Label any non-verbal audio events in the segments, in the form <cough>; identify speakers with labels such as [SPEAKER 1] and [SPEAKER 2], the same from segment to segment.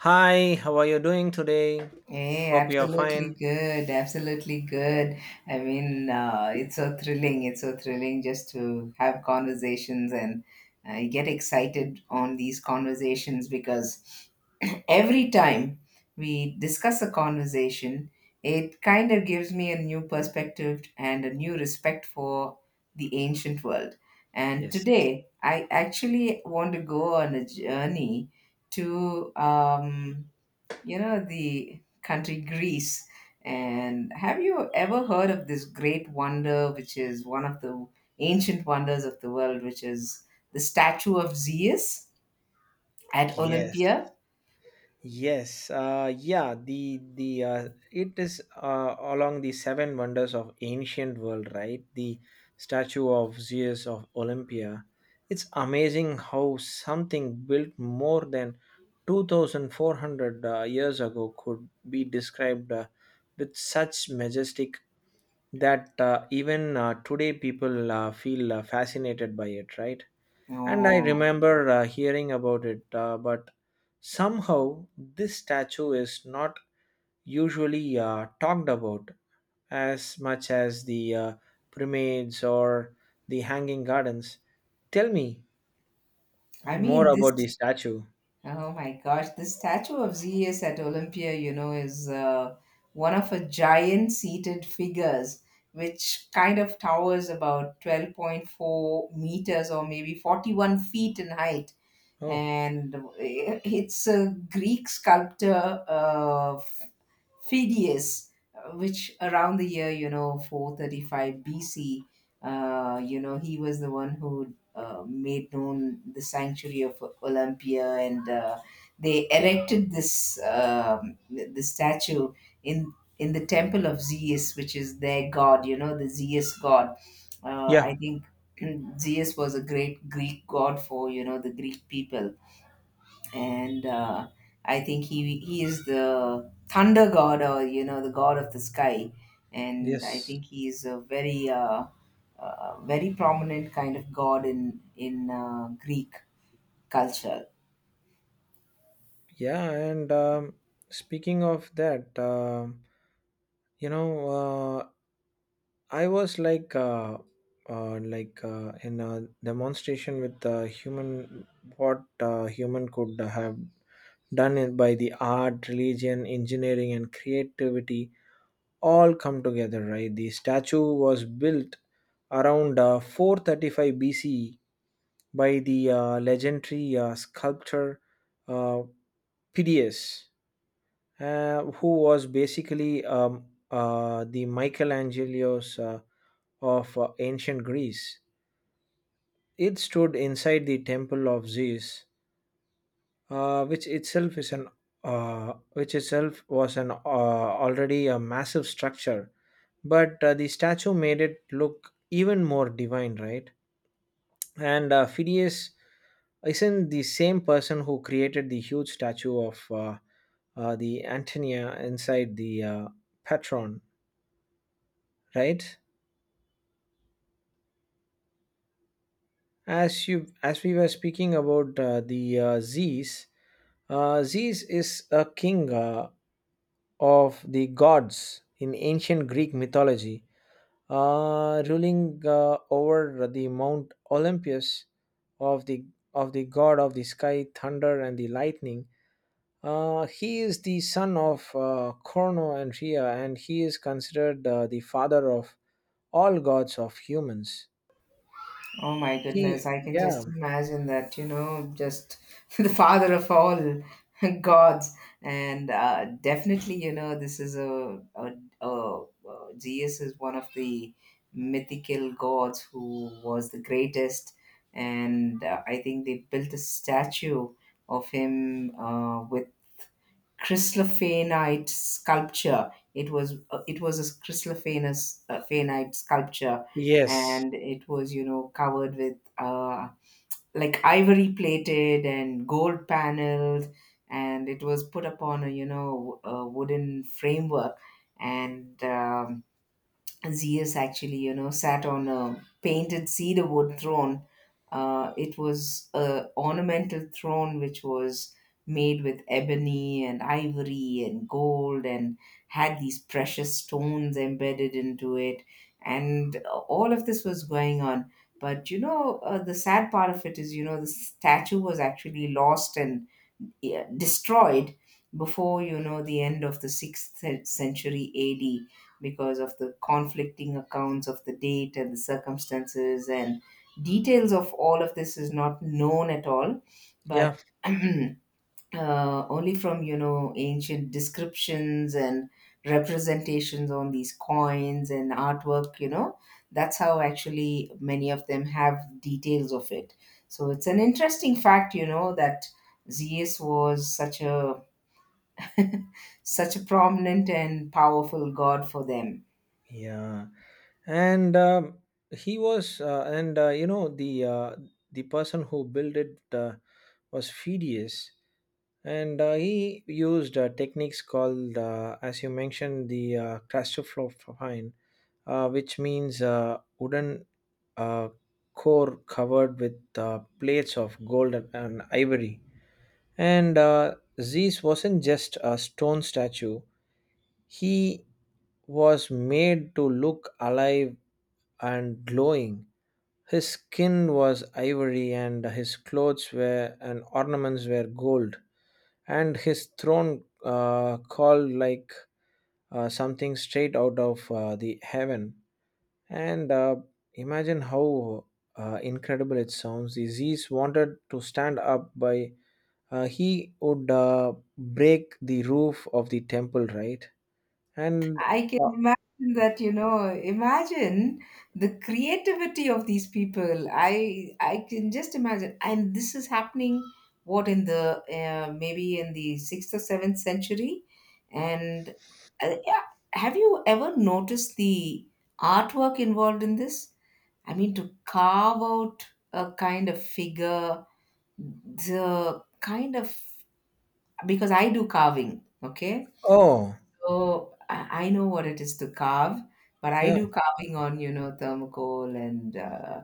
[SPEAKER 1] Hi, how are you doing today?
[SPEAKER 2] Hey,
[SPEAKER 1] Hope you're
[SPEAKER 2] absolutely
[SPEAKER 1] fine.
[SPEAKER 2] good. Absolutely good. I mean, it's so thrilling. It's so thrilling just to have conversations and I get excited on these conversations because <clears throat> every time we discuss a conversation, it kind of gives me a new perspective and a new respect for the ancient world. And
[SPEAKER 1] Yes.
[SPEAKER 2] today, I actually want to go on a journey to the country Greece. And have you ever heard of this great wonder, which is one of the ancient wonders of the world, which is the statue of Zeus at
[SPEAKER 1] Yes.
[SPEAKER 2] Olympia?
[SPEAKER 1] Yes. Yeah. The It is, along the seven wonders of ancient world, right? The statue of Zeus of Olympia. It's amazing how something built more than two thousand four hundred years ago could be described, with such majestic that, even, today people, feel, fascinated by it, right? And I
[SPEAKER 2] Oh,
[SPEAKER 1] remember, hearing about it, but somehow this statue is not usually, talked about as much as the pyramids or the hanging gardens. Tell me
[SPEAKER 2] I
[SPEAKER 1] more
[SPEAKER 2] mean, this
[SPEAKER 1] about the statue.
[SPEAKER 2] Oh my gosh, the statue of Zeus at Olympia, is one of a giant seated figures which kind of towers about 12.4 meters or maybe 41 feet in height.
[SPEAKER 1] Oh,
[SPEAKER 2] And it's a Greek sculptor, Phidias, which around the year, 435 BC, he was the one who made known the sanctuary of Olympia, and they erected this the statue in in the temple of Zeus, which is their god. You know, the Zeus god.
[SPEAKER 1] yeah,
[SPEAKER 2] I think <clears throat> Zeus was a great Greek god for the Greek people and I think he is the thunder god or the god of the sky, and I
[SPEAKER 1] yes.
[SPEAKER 2] think he is a very very prominent kind of god in Greek culture.
[SPEAKER 1] Yeah, and speaking of that, you know, uh, I was like, in a demonstration with the human, what, human could have done it by the art, religion, engineering, and creativity all come together, right? The statue was built around, 435 BCE by the, legendary, sculptor, uh, Phidias, who was basically, the Michelangelo's, of, ancient Greece. It stood inside the temple of Zeus, uh, which itself is an which itself was an, already a massive structure, but, the statue made it look even more divine, right? And, Phidias isn't the same person who created the huge statue of, the Antonia inside the, Patron, right? as you as we were speaking about, the Zeus, Zeus is a king, of the gods in ancient Greek mythology, ruling, over the Mount Olympus of the of the god of the sky, thunder, and the lightning. He is the son of, Crono and Rhea, and he is considered, the father of all gods of humans.
[SPEAKER 2] Oh my goodness,
[SPEAKER 1] He,
[SPEAKER 2] I can
[SPEAKER 1] yeah,
[SPEAKER 2] just imagine that, you know, just <laughs> the father of all <laughs> gods. And definitely, you know, this is a Jesus is one of the mythical gods who was the greatest. And I think they built a statue of him with Chrysophenite sculpture. It was a chrysophenus phenite sculpture,
[SPEAKER 1] yes,
[SPEAKER 2] and it was you know covered with like ivory plated and gold paneled, and it was put upon a you know a wooden framework, and Zeus actually, you know, sat on a painted cedar wood throne. It was a ornamental throne which was made with ebony and ivory and gold and had these precious stones embedded into it. And all of this was going on. But you know, the sad part of it is, you know, the statue was actually lost and destroyed before you know the end of the century AD because of the conflicting accounts of the date and the circumstances and details of all of this is not known at all,
[SPEAKER 1] yeah,
[SPEAKER 2] but <clears throat> only from you know ancient descriptions and representations on these coins and artwork. You know, that's how actually many of them have details of it. So it's an interesting fact, you know, that Zeus was such a <laughs> such a prominent and powerful god for them.
[SPEAKER 1] yeah. And he was, and you know the person who built it, was Phidias and, he used, techniques called, as you mentioned the claustrophophine, which means, wooden, uh, core covered with, plates of gold and ivory and, Zeus wasn't just a stone statue. He was made to look alive and glowing. His skin was ivory, and his clothes were and ornaments were gold, and his throne, called like, something straight out of, the heaven. And, imagine how, incredible it sounds. The wanted to stand up by, he would, break the roof of the temple, right? And
[SPEAKER 2] I can
[SPEAKER 1] uh,
[SPEAKER 2] imagine that, you know, imagine the creativity of these people. I can just imagine. And this is happening what in the maybe in the 6th or 7th century. And yeah, have you ever noticed the artwork involved in this? I mean, to carve out a kind of figure, the kind of, because I do carving, okay?
[SPEAKER 1] oh
[SPEAKER 2] So I know what it is to carve, but I
[SPEAKER 1] yeah,
[SPEAKER 2] do carving on, you know, thermocol and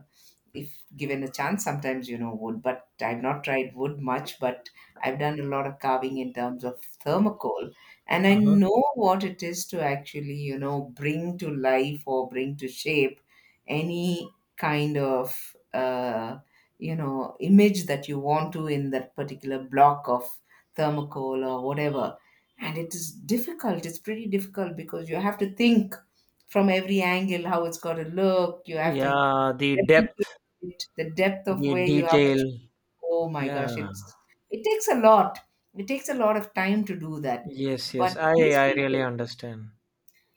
[SPEAKER 2] if given a chance, sometimes, you know, wood. But I've not tried wood much, but I've done a lot of carving in terms of thermocol. And I
[SPEAKER 1] uh-huh.
[SPEAKER 2] know what it is to actually, you know, bring to life or bring to shape any kind of, you know, image that you want to in that particular block of thermocol or whatever, and it is difficult. It's pretty difficult because you have to think from every angle how it's got to look. You have to
[SPEAKER 1] Yeah, the
[SPEAKER 2] replicate
[SPEAKER 1] depth,
[SPEAKER 2] it, the depth of
[SPEAKER 1] the
[SPEAKER 2] where you are, but
[SPEAKER 1] detail.
[SPEAKER 2] you- oh my
[SPEAKER 1] Yeah.
[SPEAKER 2] gosh, it's it takes a lot. It takes a lot of time to do that,
[SPEAKER 1] Yes,
[SPEAKER 2] but
[SPEAKER 1] yes. I
[SPEAKER 2] these people,
[SPEAKER 1] really understand.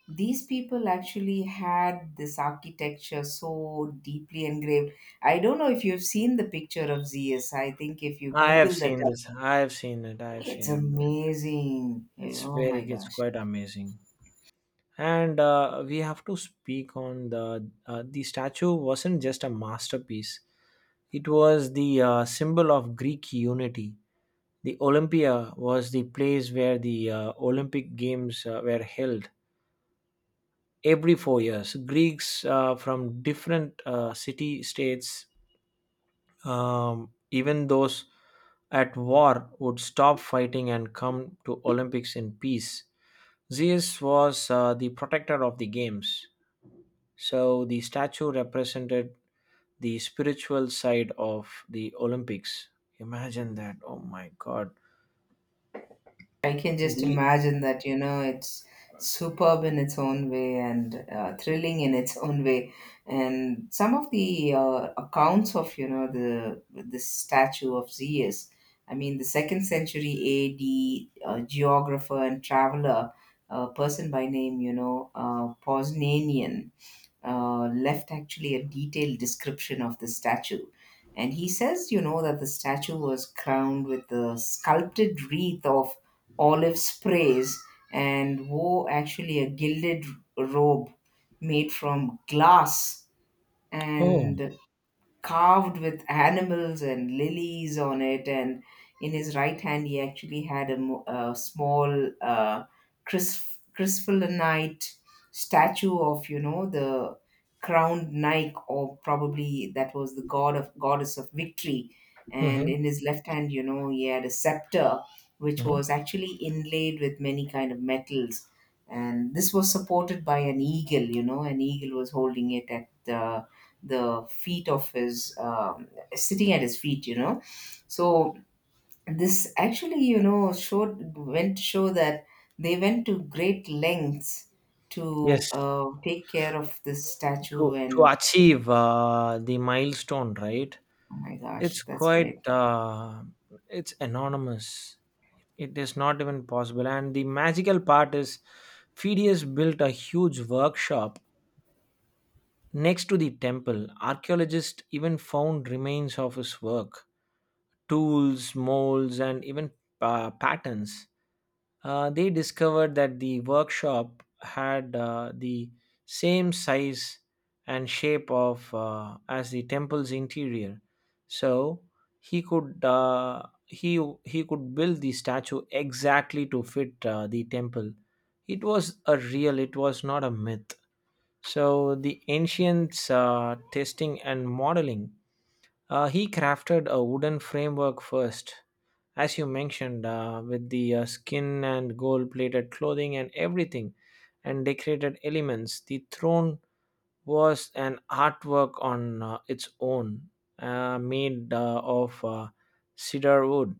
[SPEAKER 2] these people actually had this architecture so deeply engraved. I don't know if you've seen the picture of Zs. I think if you
[SPEAKER 1] I have
[SPEAKER 2] google that
[SPEAKER 1] seen
[SPEAKER 2] up,
[SPEAKER 1] this. I have seen it. I have
[SPEAKER 2] it's
[SPEAKER 1] seen it.
[SPEAKER 2] amazing.
[SPEAKER 1] It's
[SPEAKER 2] Oh
[SPEAKER 1] very.
[SPEAKER 2] my
[SPEAKER 1] It's
[SPEAKER 2] gosh,
[SPEAKER 1] quite amazing. And, we have to speak on the statue wasn't just a masterpiece. It was the, symbol of Greek unity. The Olympia was the place where the, Olympic Games, were held every 4 years. Greeks, from different, city states. Even those at war would stop fighting and come to Olympics in peace. Zeus was, the protector of the games, so the statue represented the spiritual side of the Olympics. Imagine that! Oh my God!
[SPEAKER 2] I can just
[SPEAKER 1] The
[SPEAKER 2] imagine that, you know, it's superb in its own way and thrilling in its own way. And some of the accounts of, you know, the statue of Zeus, I mean, the second century AD geographer and traveler, a person by name, you know, Posnanian, left actually a detailed description of the statue. And he says, you know, that the statue was crowned with a sculpted wreath of olive sprays and wore actually a gilded robe made from glass,
[SPEAKER 1] oh,
[SPEAKER 2] and carved with animals and lilies on it. And in his right hand, he actually had a a small crystallinite statue of, you know, the crowned Nike, or probably that was the god of goddess of victory. And
[SPEAKER 1] mhm,
[SPEAKER 2] in his left hand, you know, he had a scepter, which
[SPEAKER 1] mhm.
[SPEAKER 2] was actually inlaid with many kind of metals, and this was supported by an eagle. You know, an eagle was holding it at the feet of his sitting at his feet, you know. So this actually, you know, showed, went to show that they went to great lengths to
[SPEAKER 1] Yes,
[SPEAKER 2] take care of this statue.
[SPEAKER 1] to
[SPEAKER 2] And
[SPEAKER 1] achieve, the milestone, right?
[SPEAKER 2] oh my gosh,
[SPEAKER 1] It's
[SPEAKER 2] that's great.
[SPEAKER 1] quite, it's anonymous. It is not even possible. And the magical part is Phidias built a huge workshop next to the temple. Archaeologists even found remains of his work, tools, molds, and even, patterns. They discovered that the workshop had, the same size and shape of, as the temple's interior, so he could build the statue exactly to fit, the temple. It was a real. It was not a myth. So the ancients', testing and modeling. He crafted a wooden framework first as you mentioned, with the, skin and gold plated clothing and everything, and decorated elements. The throne was an artwork on, its own, made of cedar wood,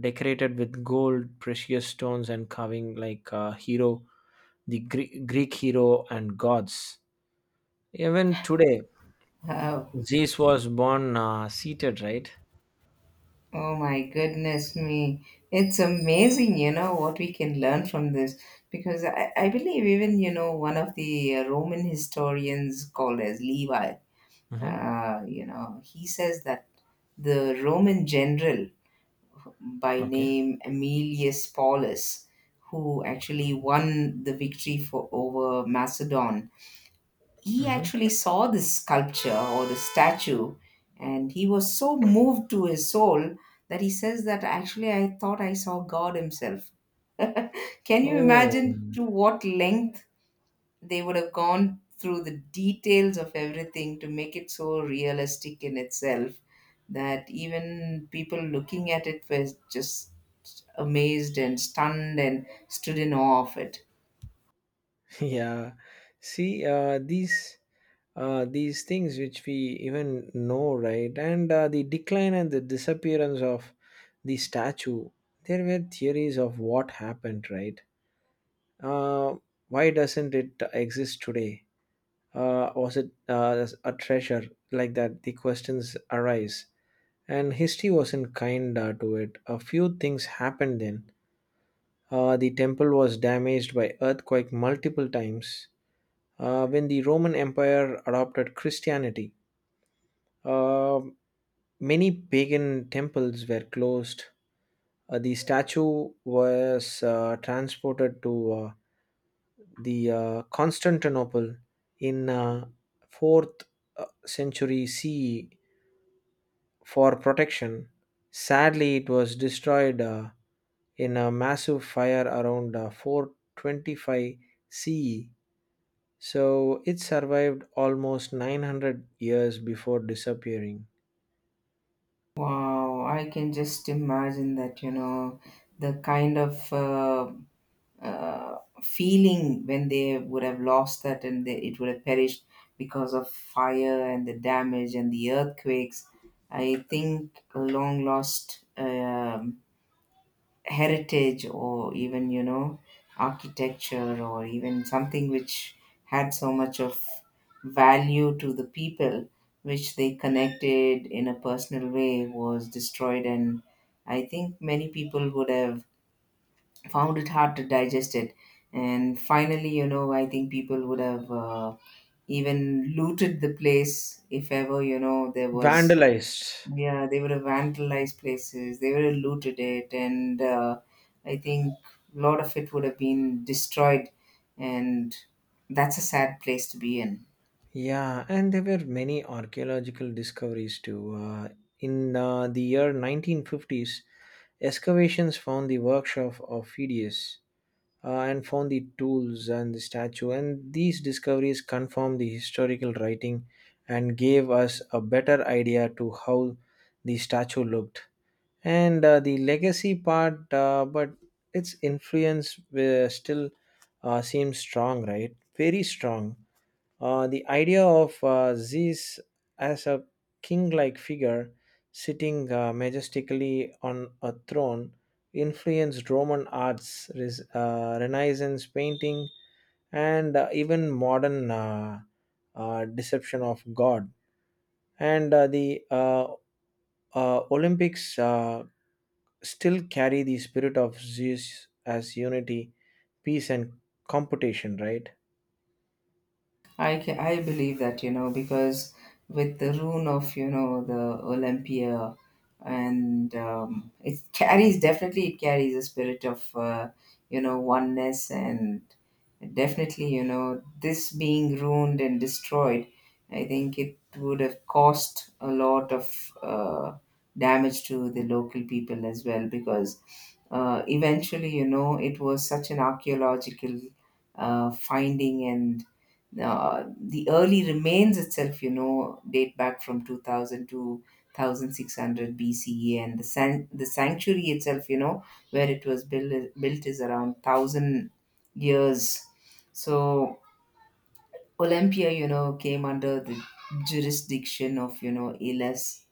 [SPEAKER 1] decorated with gold, precious stones, and carving like, hero, the Greek hero and gods. Even today,
[SPEAKER 2] <laughs>
[SPEAKER 1] Zeus was born, seated, right?
[SPEAKER 2] Oh my goodness me. It's amazing, you know, what we can learn from this. Because I believe even, you know, one of the Roman historians called as Levi,
[SPEAKER 1] Hmm.
[SPEAKER 2] you know, he says that the Roman general by
[SPEAKER 1] Okay.
[SPEAKER 2] name Aemilius Paulus, who actually won the victory for over Macedon, he
[SPEAKER 1] Hmm.
[SPEAKER 2] actually saw this sculpture or the statue, and he was so moved to his soul that he says that actually I thought I saw God himself. Can you
[SPEAKER 1] Oh,
[SPEAKER 2] imagine to what length they would have gone through the details of everything to make it so realistic in itself that even people looking at it were just amazed and stunned and stood in awe of it.
[SPEAKER 1] yeah, see, these things which we even know, right? And, the decline and the disappearance of the statue, there were theories of what happened, right? uh, why doesn't it exist today? Was it, a treasure? Like that the questions arise, and history wasn't kind, to it. A few things happened then. The temple was damaged by earthquake multiple times. When the Roman Empire adopted Christianity, uh, many pagan temples were closed. The statue was, transported to, the Constantinople in, 4th, century CE for protection. Sadly, it was destroyed, in a massive fire around, 425 CE. So it survived almost 900 years before disappearing.
[SPEAKER 2] Wow, I can just imagine that, you know, the kind of uh, feeling when they would have lost that and they, it would have perished because of fire and the damage and the earthquakes. I think a long lost heritage or even you know architecture or even something which had so much of value to the people, which they connected in a personal way, was destroyed. And I think many people would have found it hard to digest it. And finally, you know, I think people would have even looted the place if ever you know there was.
[SPEAKER 1] Vandalized.
[SPEAKER 2] Yeah, they would have vandalized places. They would have looted it, and I think a lot of it would have been destroyed. And that's a sad place to be in.
[SPEAKER 1] Yeah, and there were many archaeological discoveries too. In, the year 1950s, excavations found the workshop of Phidias, and found the tools and the statue, and these discoveries confirmed the historical writing and gave us a better idea to how the statue looked. And, the legacy part but its influence, still, seems strong, right? Very strong. The idea of, Zeus as a king-like figure sitting, majestically on a throne influenced Roman arts, renaissance painting, and, even modern, deception of god, and, the Olympics, still carry the spirit of Zeus as unity, peace, and competition, right?
[SPEAKER 2] I believe that, you know, because with the rune of, you know, the Olympia, and it carries, definitely it carries a spirit of, you know, oneness. And definitely, you know, this being ruined and destroyed, I think it would have caused a lot of damage to the local people as well, because eventually, you know, it was such an archaeological finding. And the early remains itself, you know, date back from 2000 to 1600 BCE, and the sanctuary itself, you know, where it was built is around 1,000 years. So Olympia, you know, came under the jurisdiction of, you know, Elis,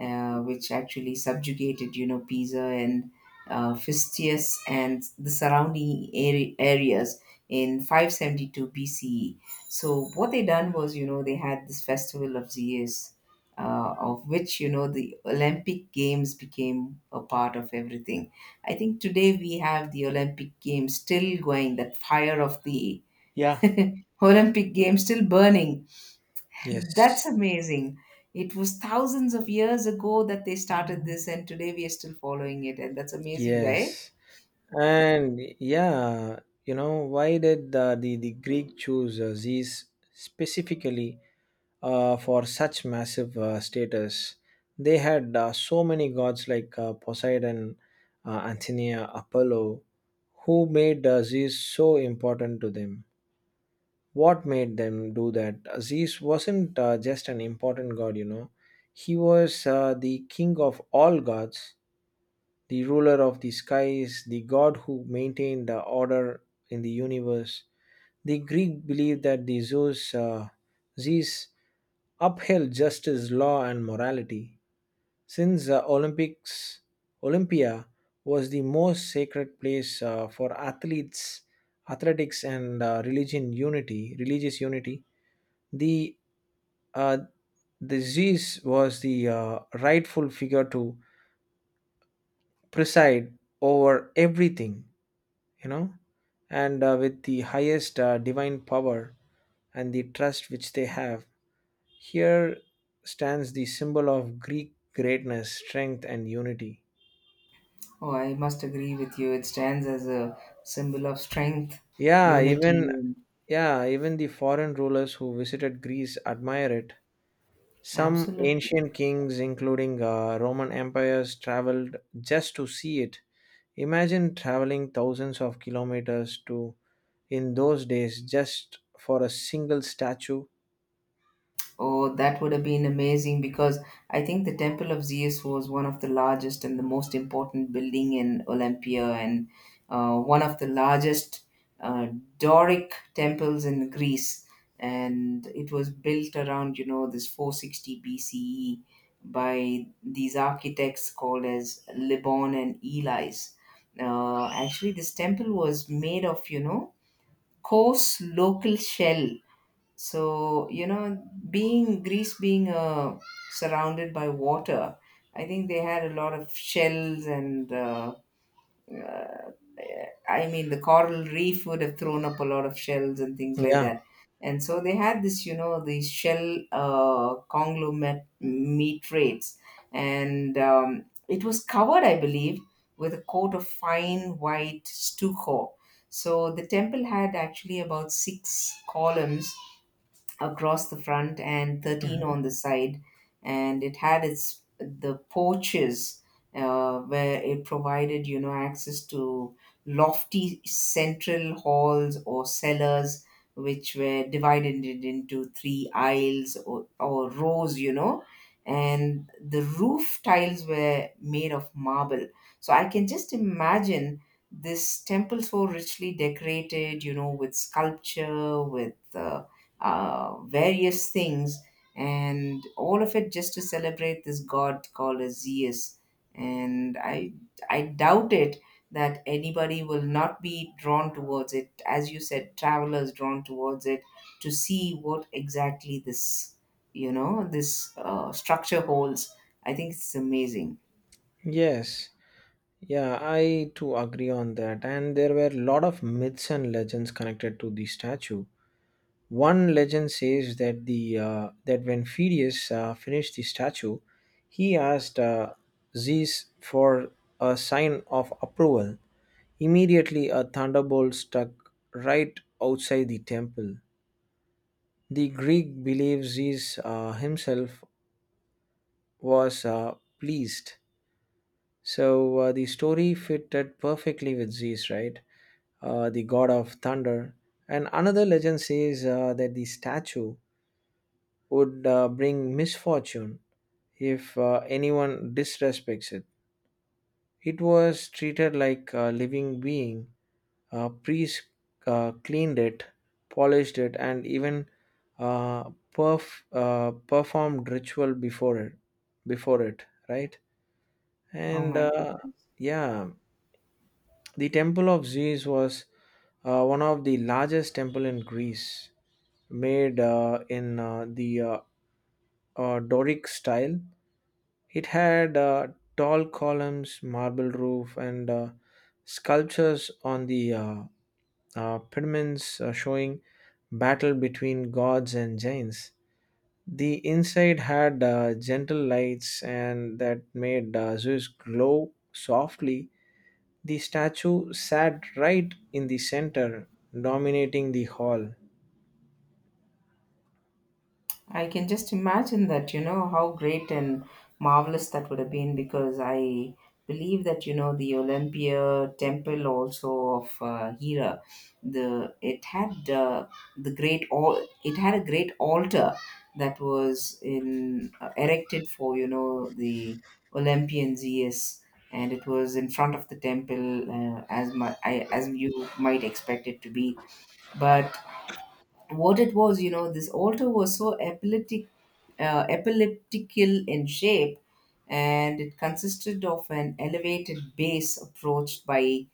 [SPEAKER 2] which actually subjugated, you know, Pisa and Phistius and the surrounding areas in 572 BCE. So what they done was, you know, they had this festival of Zeus, of which, you know, the Olympic Games became a part of everything. I think today we have the Olympic Games still going, that fire of the
[SPEAKER 1] Yeah.
[SPEAKER 2] Olympic Games still burning. That's
[SPEAKER 1] Yes.
[SPEAKER 2] amazing. It was thousands of years ago that they started this, and today we are still following it, and that's amazing, right?
[SPEAKER 1] Yes. And yeah, you know, why did the Greek choose, Zeus specifically, for such massive, status? They had, so many gods like, Poseidon, Athena, Apollo, who made, Zeus so important to them. What made them do that? Aziz wasn't, just an important god, you know. He was, the king of all gods, the ruler of the skies, the god who maintained the order in the universe. The Greek believed that the Zeus upheld justice, law, and morality. Since the Olympics, Olympia was the most sacred place, for athletes, athletics, and, religious unity, the uh, the Zeus was the, rightful figure to preside over everything, you know, and, with the highest, divine power and the trust which they have. Here stands the symbol of Greek greatness, strength, and unity.
[SPEAKER 2] Oh, I must agree with you. It stands as a symbol of strength,
[SPEAKER 1] Yeah,
[SPEAKER 2] unity,
[SPEAKER 1] even
[SPEAKER 2] and
[SPEAKER 1] yeah, even the foreign rulers who visited Greece admire it. Some
[SPEAKER 2] absolutely.
[SPEAKER 1] ancient kings, including, Roman empires, traveled just to see it. Imagine traveling thousands of kilometers to in those days just for a single statue.
[SPEAKER 2] Oh, that would have been amazing, because I think the Temple of Zeus was one of the largest and the most important building in Olympia, and one of the largest uh, Doric temples in Greece. And it was built around, you know, this 460 BCE by these architects called as Libon and Eli's. Actually, this temple was made of, you know, coarse local shell. So you know, being Greece, being surrounded by water, I think they had a lot of shells and uh, I mean, the coral reef would have thrown up a lot of shells and things like
[SPEAKER 1] Yeah.
[SPEAKER 2] that. And so they had this, you know, these shell conglomerate meat rates. And it was covered, I believe, with a coat of fine white stucco. So the temple had actually about six columns across the front and 13
[SPEAKER 1] Mhm.
[SPEAKER 2] on the side, and it had its the porches where it provided, you know, access to lofty central halls or cellars which were divided it into three aisles or rows, you know. And the roof tiles were made of marble, so I can just imagine this temple so richly decorated, you know, with sculpture, with various things, and all of it just to celebrate this god called as Zeus. And I, I doubt it that anybody will not be drawn towards it. As you said, travelers drawn towards it to see what exactly this structure holds. I think it's amazing.
[SPEAKER 1] Yes. Yeah, I too agree on that. And there were a lot of myths and legends connected to the statue. One legend says that when Phidias, finished the statue, he asked, Zeus for a sign of approval. Immediately, a thunderbolt struck right outside the temple. The Greek believes Zeus, himself was, pleased. So, the story fitted perfectly with Zeus, right? The god of thunder. And another legend says, that the statue would, bring misfortune if, anyone disrespects it. It was treated like a living being. Priests, cleaned it, polished it, and even, performed ritual before it. Before it, right?
[SPEAKER 2] Oh
[SPEAKER 1] And,
[SPEAKER 2] my goodness.
[SPEAKER 1] yeah, the Temple of Zeus was, one of the largest temple in Greece, made, in the Doric style. It had, tall columns, marble roof, and, sculptures on the, pediments, showing battle between gods and giants. The inside had, gentle lights and that made, Zeus glow softly. The statue sat right in the center, dominating the hall.
[SPEAKER 2] I can just imagine that, you know, how great and marvelous that would have been, because I believe that, you know, the Olympia temple also of Hera, the it had the great all it had a great altar that was in erected for, you know, the Olympian Zeus, and it was in front of the temple, as you might expect it to be. But what it was, you know, this altar was so epileptical in shape, and it consisted of an elevated base approached by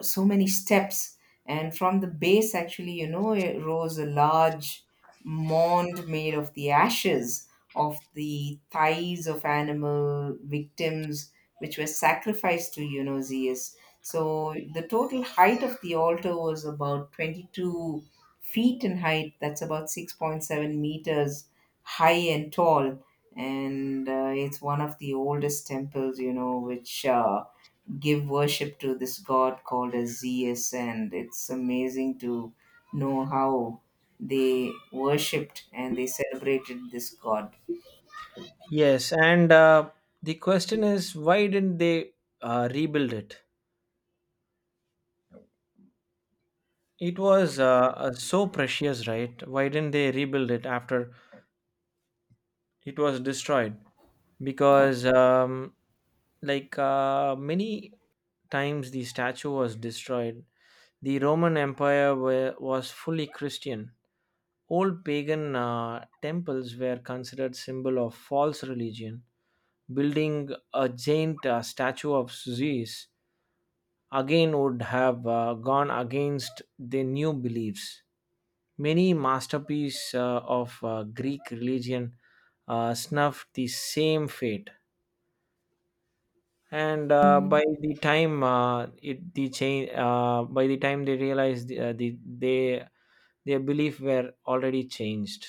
[SPEAKER 2] so many steps, and from the base actually, you know, it rose a large mound made of the ashes of the thighs of animal victims which were sacrificed to, you know, Zeus. So the total height of the altar was about 22 feet in height. That's about 6.7 meters high and tall. And it's one of the oldest temples, you know, which give worship to this god called as Zeus, and it's amazing to know how they worshipped and they celebrated this god.
[SPEAKER 1] Yes, and, the question is why didn't they, rebuild it? It was, so precious, right? Why didn't they rebuild it after it was destroyed? Because, like, many times the statue was destroyed, the Roman Empire were, was fully Christian. Old pagan, temples were considered symbol of false religion. Building a giant, statue of Zeus again would have, gone against the new beliefs. Many masterpieces, of Greek religion, snuffed the same fate. And, by the time it the change, by the time they realized they their belief were already changed.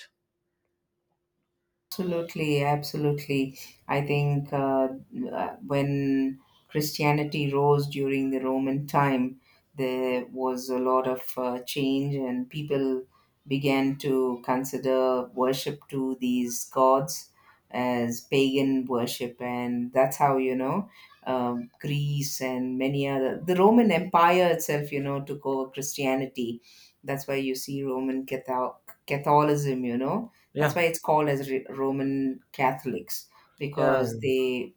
[SPEAKER 2] Absolutely, absolutely. I think when Christianity rose during the Roman time, there was a lot of change, and people began to consider worship to these gods as pagan worship, and that's how, you know, Greece and many other, the Roman Empire itself, you know, took over Christianity. That's why you see Roman Catholic, Catholicism, you know, that's
[SPEAKER 1] Yeah,
[SPEAKER 2] why it's called as Re- Roman Catholics
[SPEAKER 1] yeah.
[SPEAKER 2] because they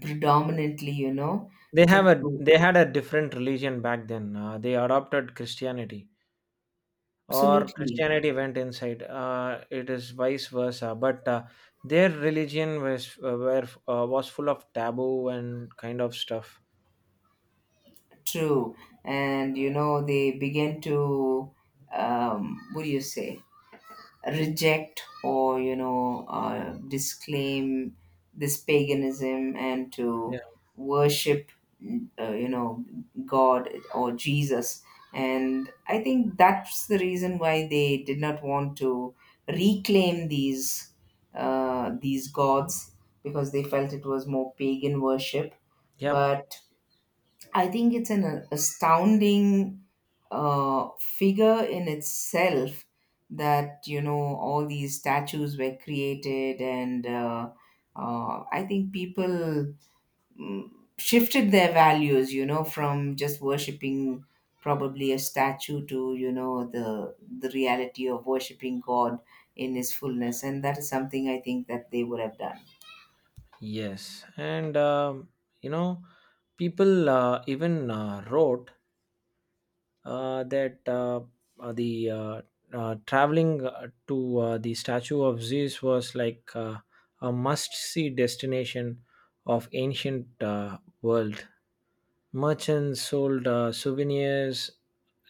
[SPEAKER 2] predominantly, you know, took to
[SPEAKER 1] They had a different religion back then. They adopted Christianity. Or
[SPEAKER 2] absolutely
[SPEAKER 1] Christianity went inside. It is vice versa. But, their religion was full of taboo and kind of stuff.
[SPEAKER 2] true. And you know, they began to, what do you say, reject, or you know, disclaim this paganism, and to
[SPEAKER 1] Yeah.
[SPEAKER 2] worship, you know, god or Jesus. And I think that's the reason why they did not want to reclaim these gods, because they felt it was more pagan worship.
[SPEAKER 1] Yeah.
[SPEAKER 2] But I think it's an astounding figure in itself, that you know, all these statues were created. And I think people, mm, shifted their values, you know, from just worshipping probably a statue to, you know, the reality of worshipping god in his fullness, and that is something I think that they would have done.
[SPEAKER 1] Yes. And you know, people, even, wrote, that the traveling, to, the statue of Zeus was like, a must-see destination of ancient, world. Merchants sold, souvenirs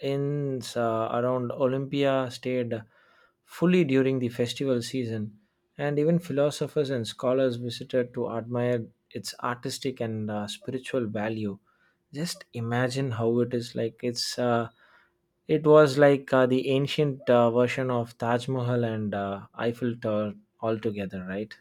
[SPEAKER 1] in, around Olympia, stayed fully during the festival season, and even philosophers and scholars visited to admire its artistic and, spiritual value. Just imagine how it is. It was like, the ancient, version of Taj Mahal and, Eiffel Tower altogether, right?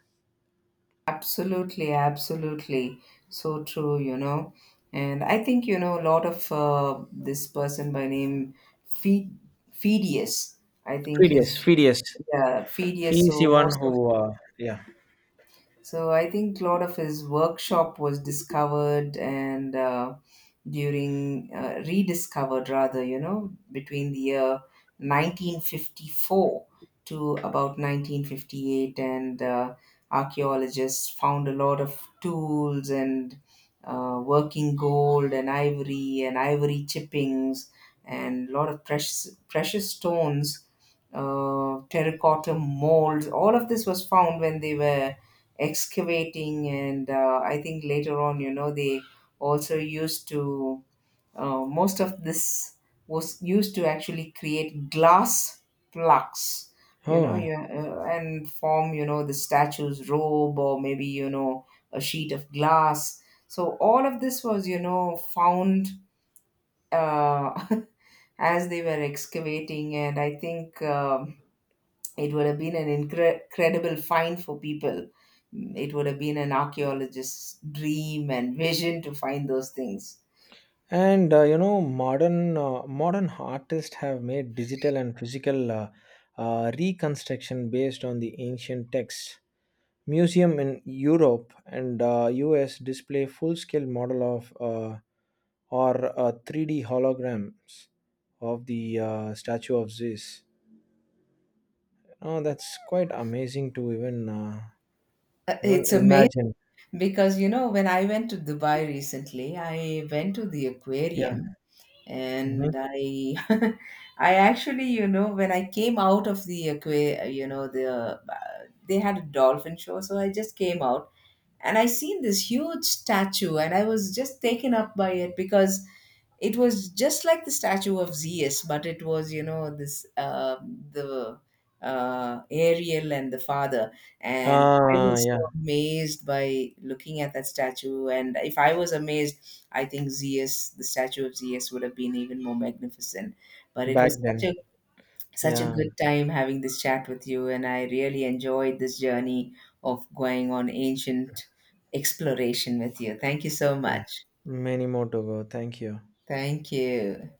[SPEAKER 2] Absolutely, absolutely. So true, you know. And I think, you know, a lot of this person by name Fe- Phidias, I think
[SPEAKER 1] Phidias,
[SPEAKER 2] his,
[SPEAKER 1] Phidias.
[SPEAKER 2] yeah, Phidias.
[SPEAKER 1] He's
[SPEAKER 2] So
[SPEAKER 1] the one
[SPEAKER 2] most,
[SPEAKER 1] who, yeah.
[SPEAKER 2] so I think a lot of his workshop was discovered, and during rediscovered rather, you know, between the year 1954 to about 1958. And archaeologists found a lot of tools and working gold and ivory, and ivory chippings, and a lot of precious stones, terracotta molds. All of this was found when they were excavating. And I think later on, you know, they also used to, most of this was used to actually create glass plaques, you know.
[SPEAKER 1] Oh,
[SPEAKER 2] And form, you know, the statue's robe, or maybe, you know, a sheet of glass. So all of this was, you know, found uh, <laughs> as they were excavating. And I think, it would have been an incredible find for people. Mm, it would have been an archaeologist's dream and vision to find those things.
[SPEAKER 1] and, you know, modern, modern artists have made digital and physical, reconstruction based on the ancient texts. Museum in Europe and, US display full-scale model of, or 3D holograms of the, statue of Zeus. Oh, that's quite amazing to even, even
[SPEAKER 2] It's amazing.
[SPEAKER 1] imagine.
[SPEAKER 2] Because you know, when I went to Dubai recently, I went to the
[SPEAKER 1] Yeah.
[SPEAKER 2] aquarium, and
[SPEAKER 1] Mhm.
[SPEAKER 2] I <laughs> I actually, you know, when I came out of the aquarium, you know, the they had a dolphin show, so I just came out, and I seen this huge statue, and I was just taken up by it, because it was just like the statue of Zeus. But it was, you know, this the Ariel and the father. And I
[SPEAKER 1] Ah,
[SPEAKER 2] was
[SPEAKER 1] yeah.
[SPEAKER 2] so amazed by looking at that statue. And if I was amazed, I think Zeus, the statue of Zeus, would have been even more magnificent. But it
[SPEAKER 1] Back
[SPEAKER 2] was
[SPEAKER 1] then.
[SPEAKER 2] such a
[SPEAKER 1] Yeah.
[SPEAKER 2] good time having this chat with you, and I really enjoyed this journey of going on ancient exploration with you. Thank you so
[SPEAKER 1] Yeah.
[SPEAKER 2] much.
[SPEAKER 1] Many more to go. Thank you.
[SPEAKER 2] Thank you.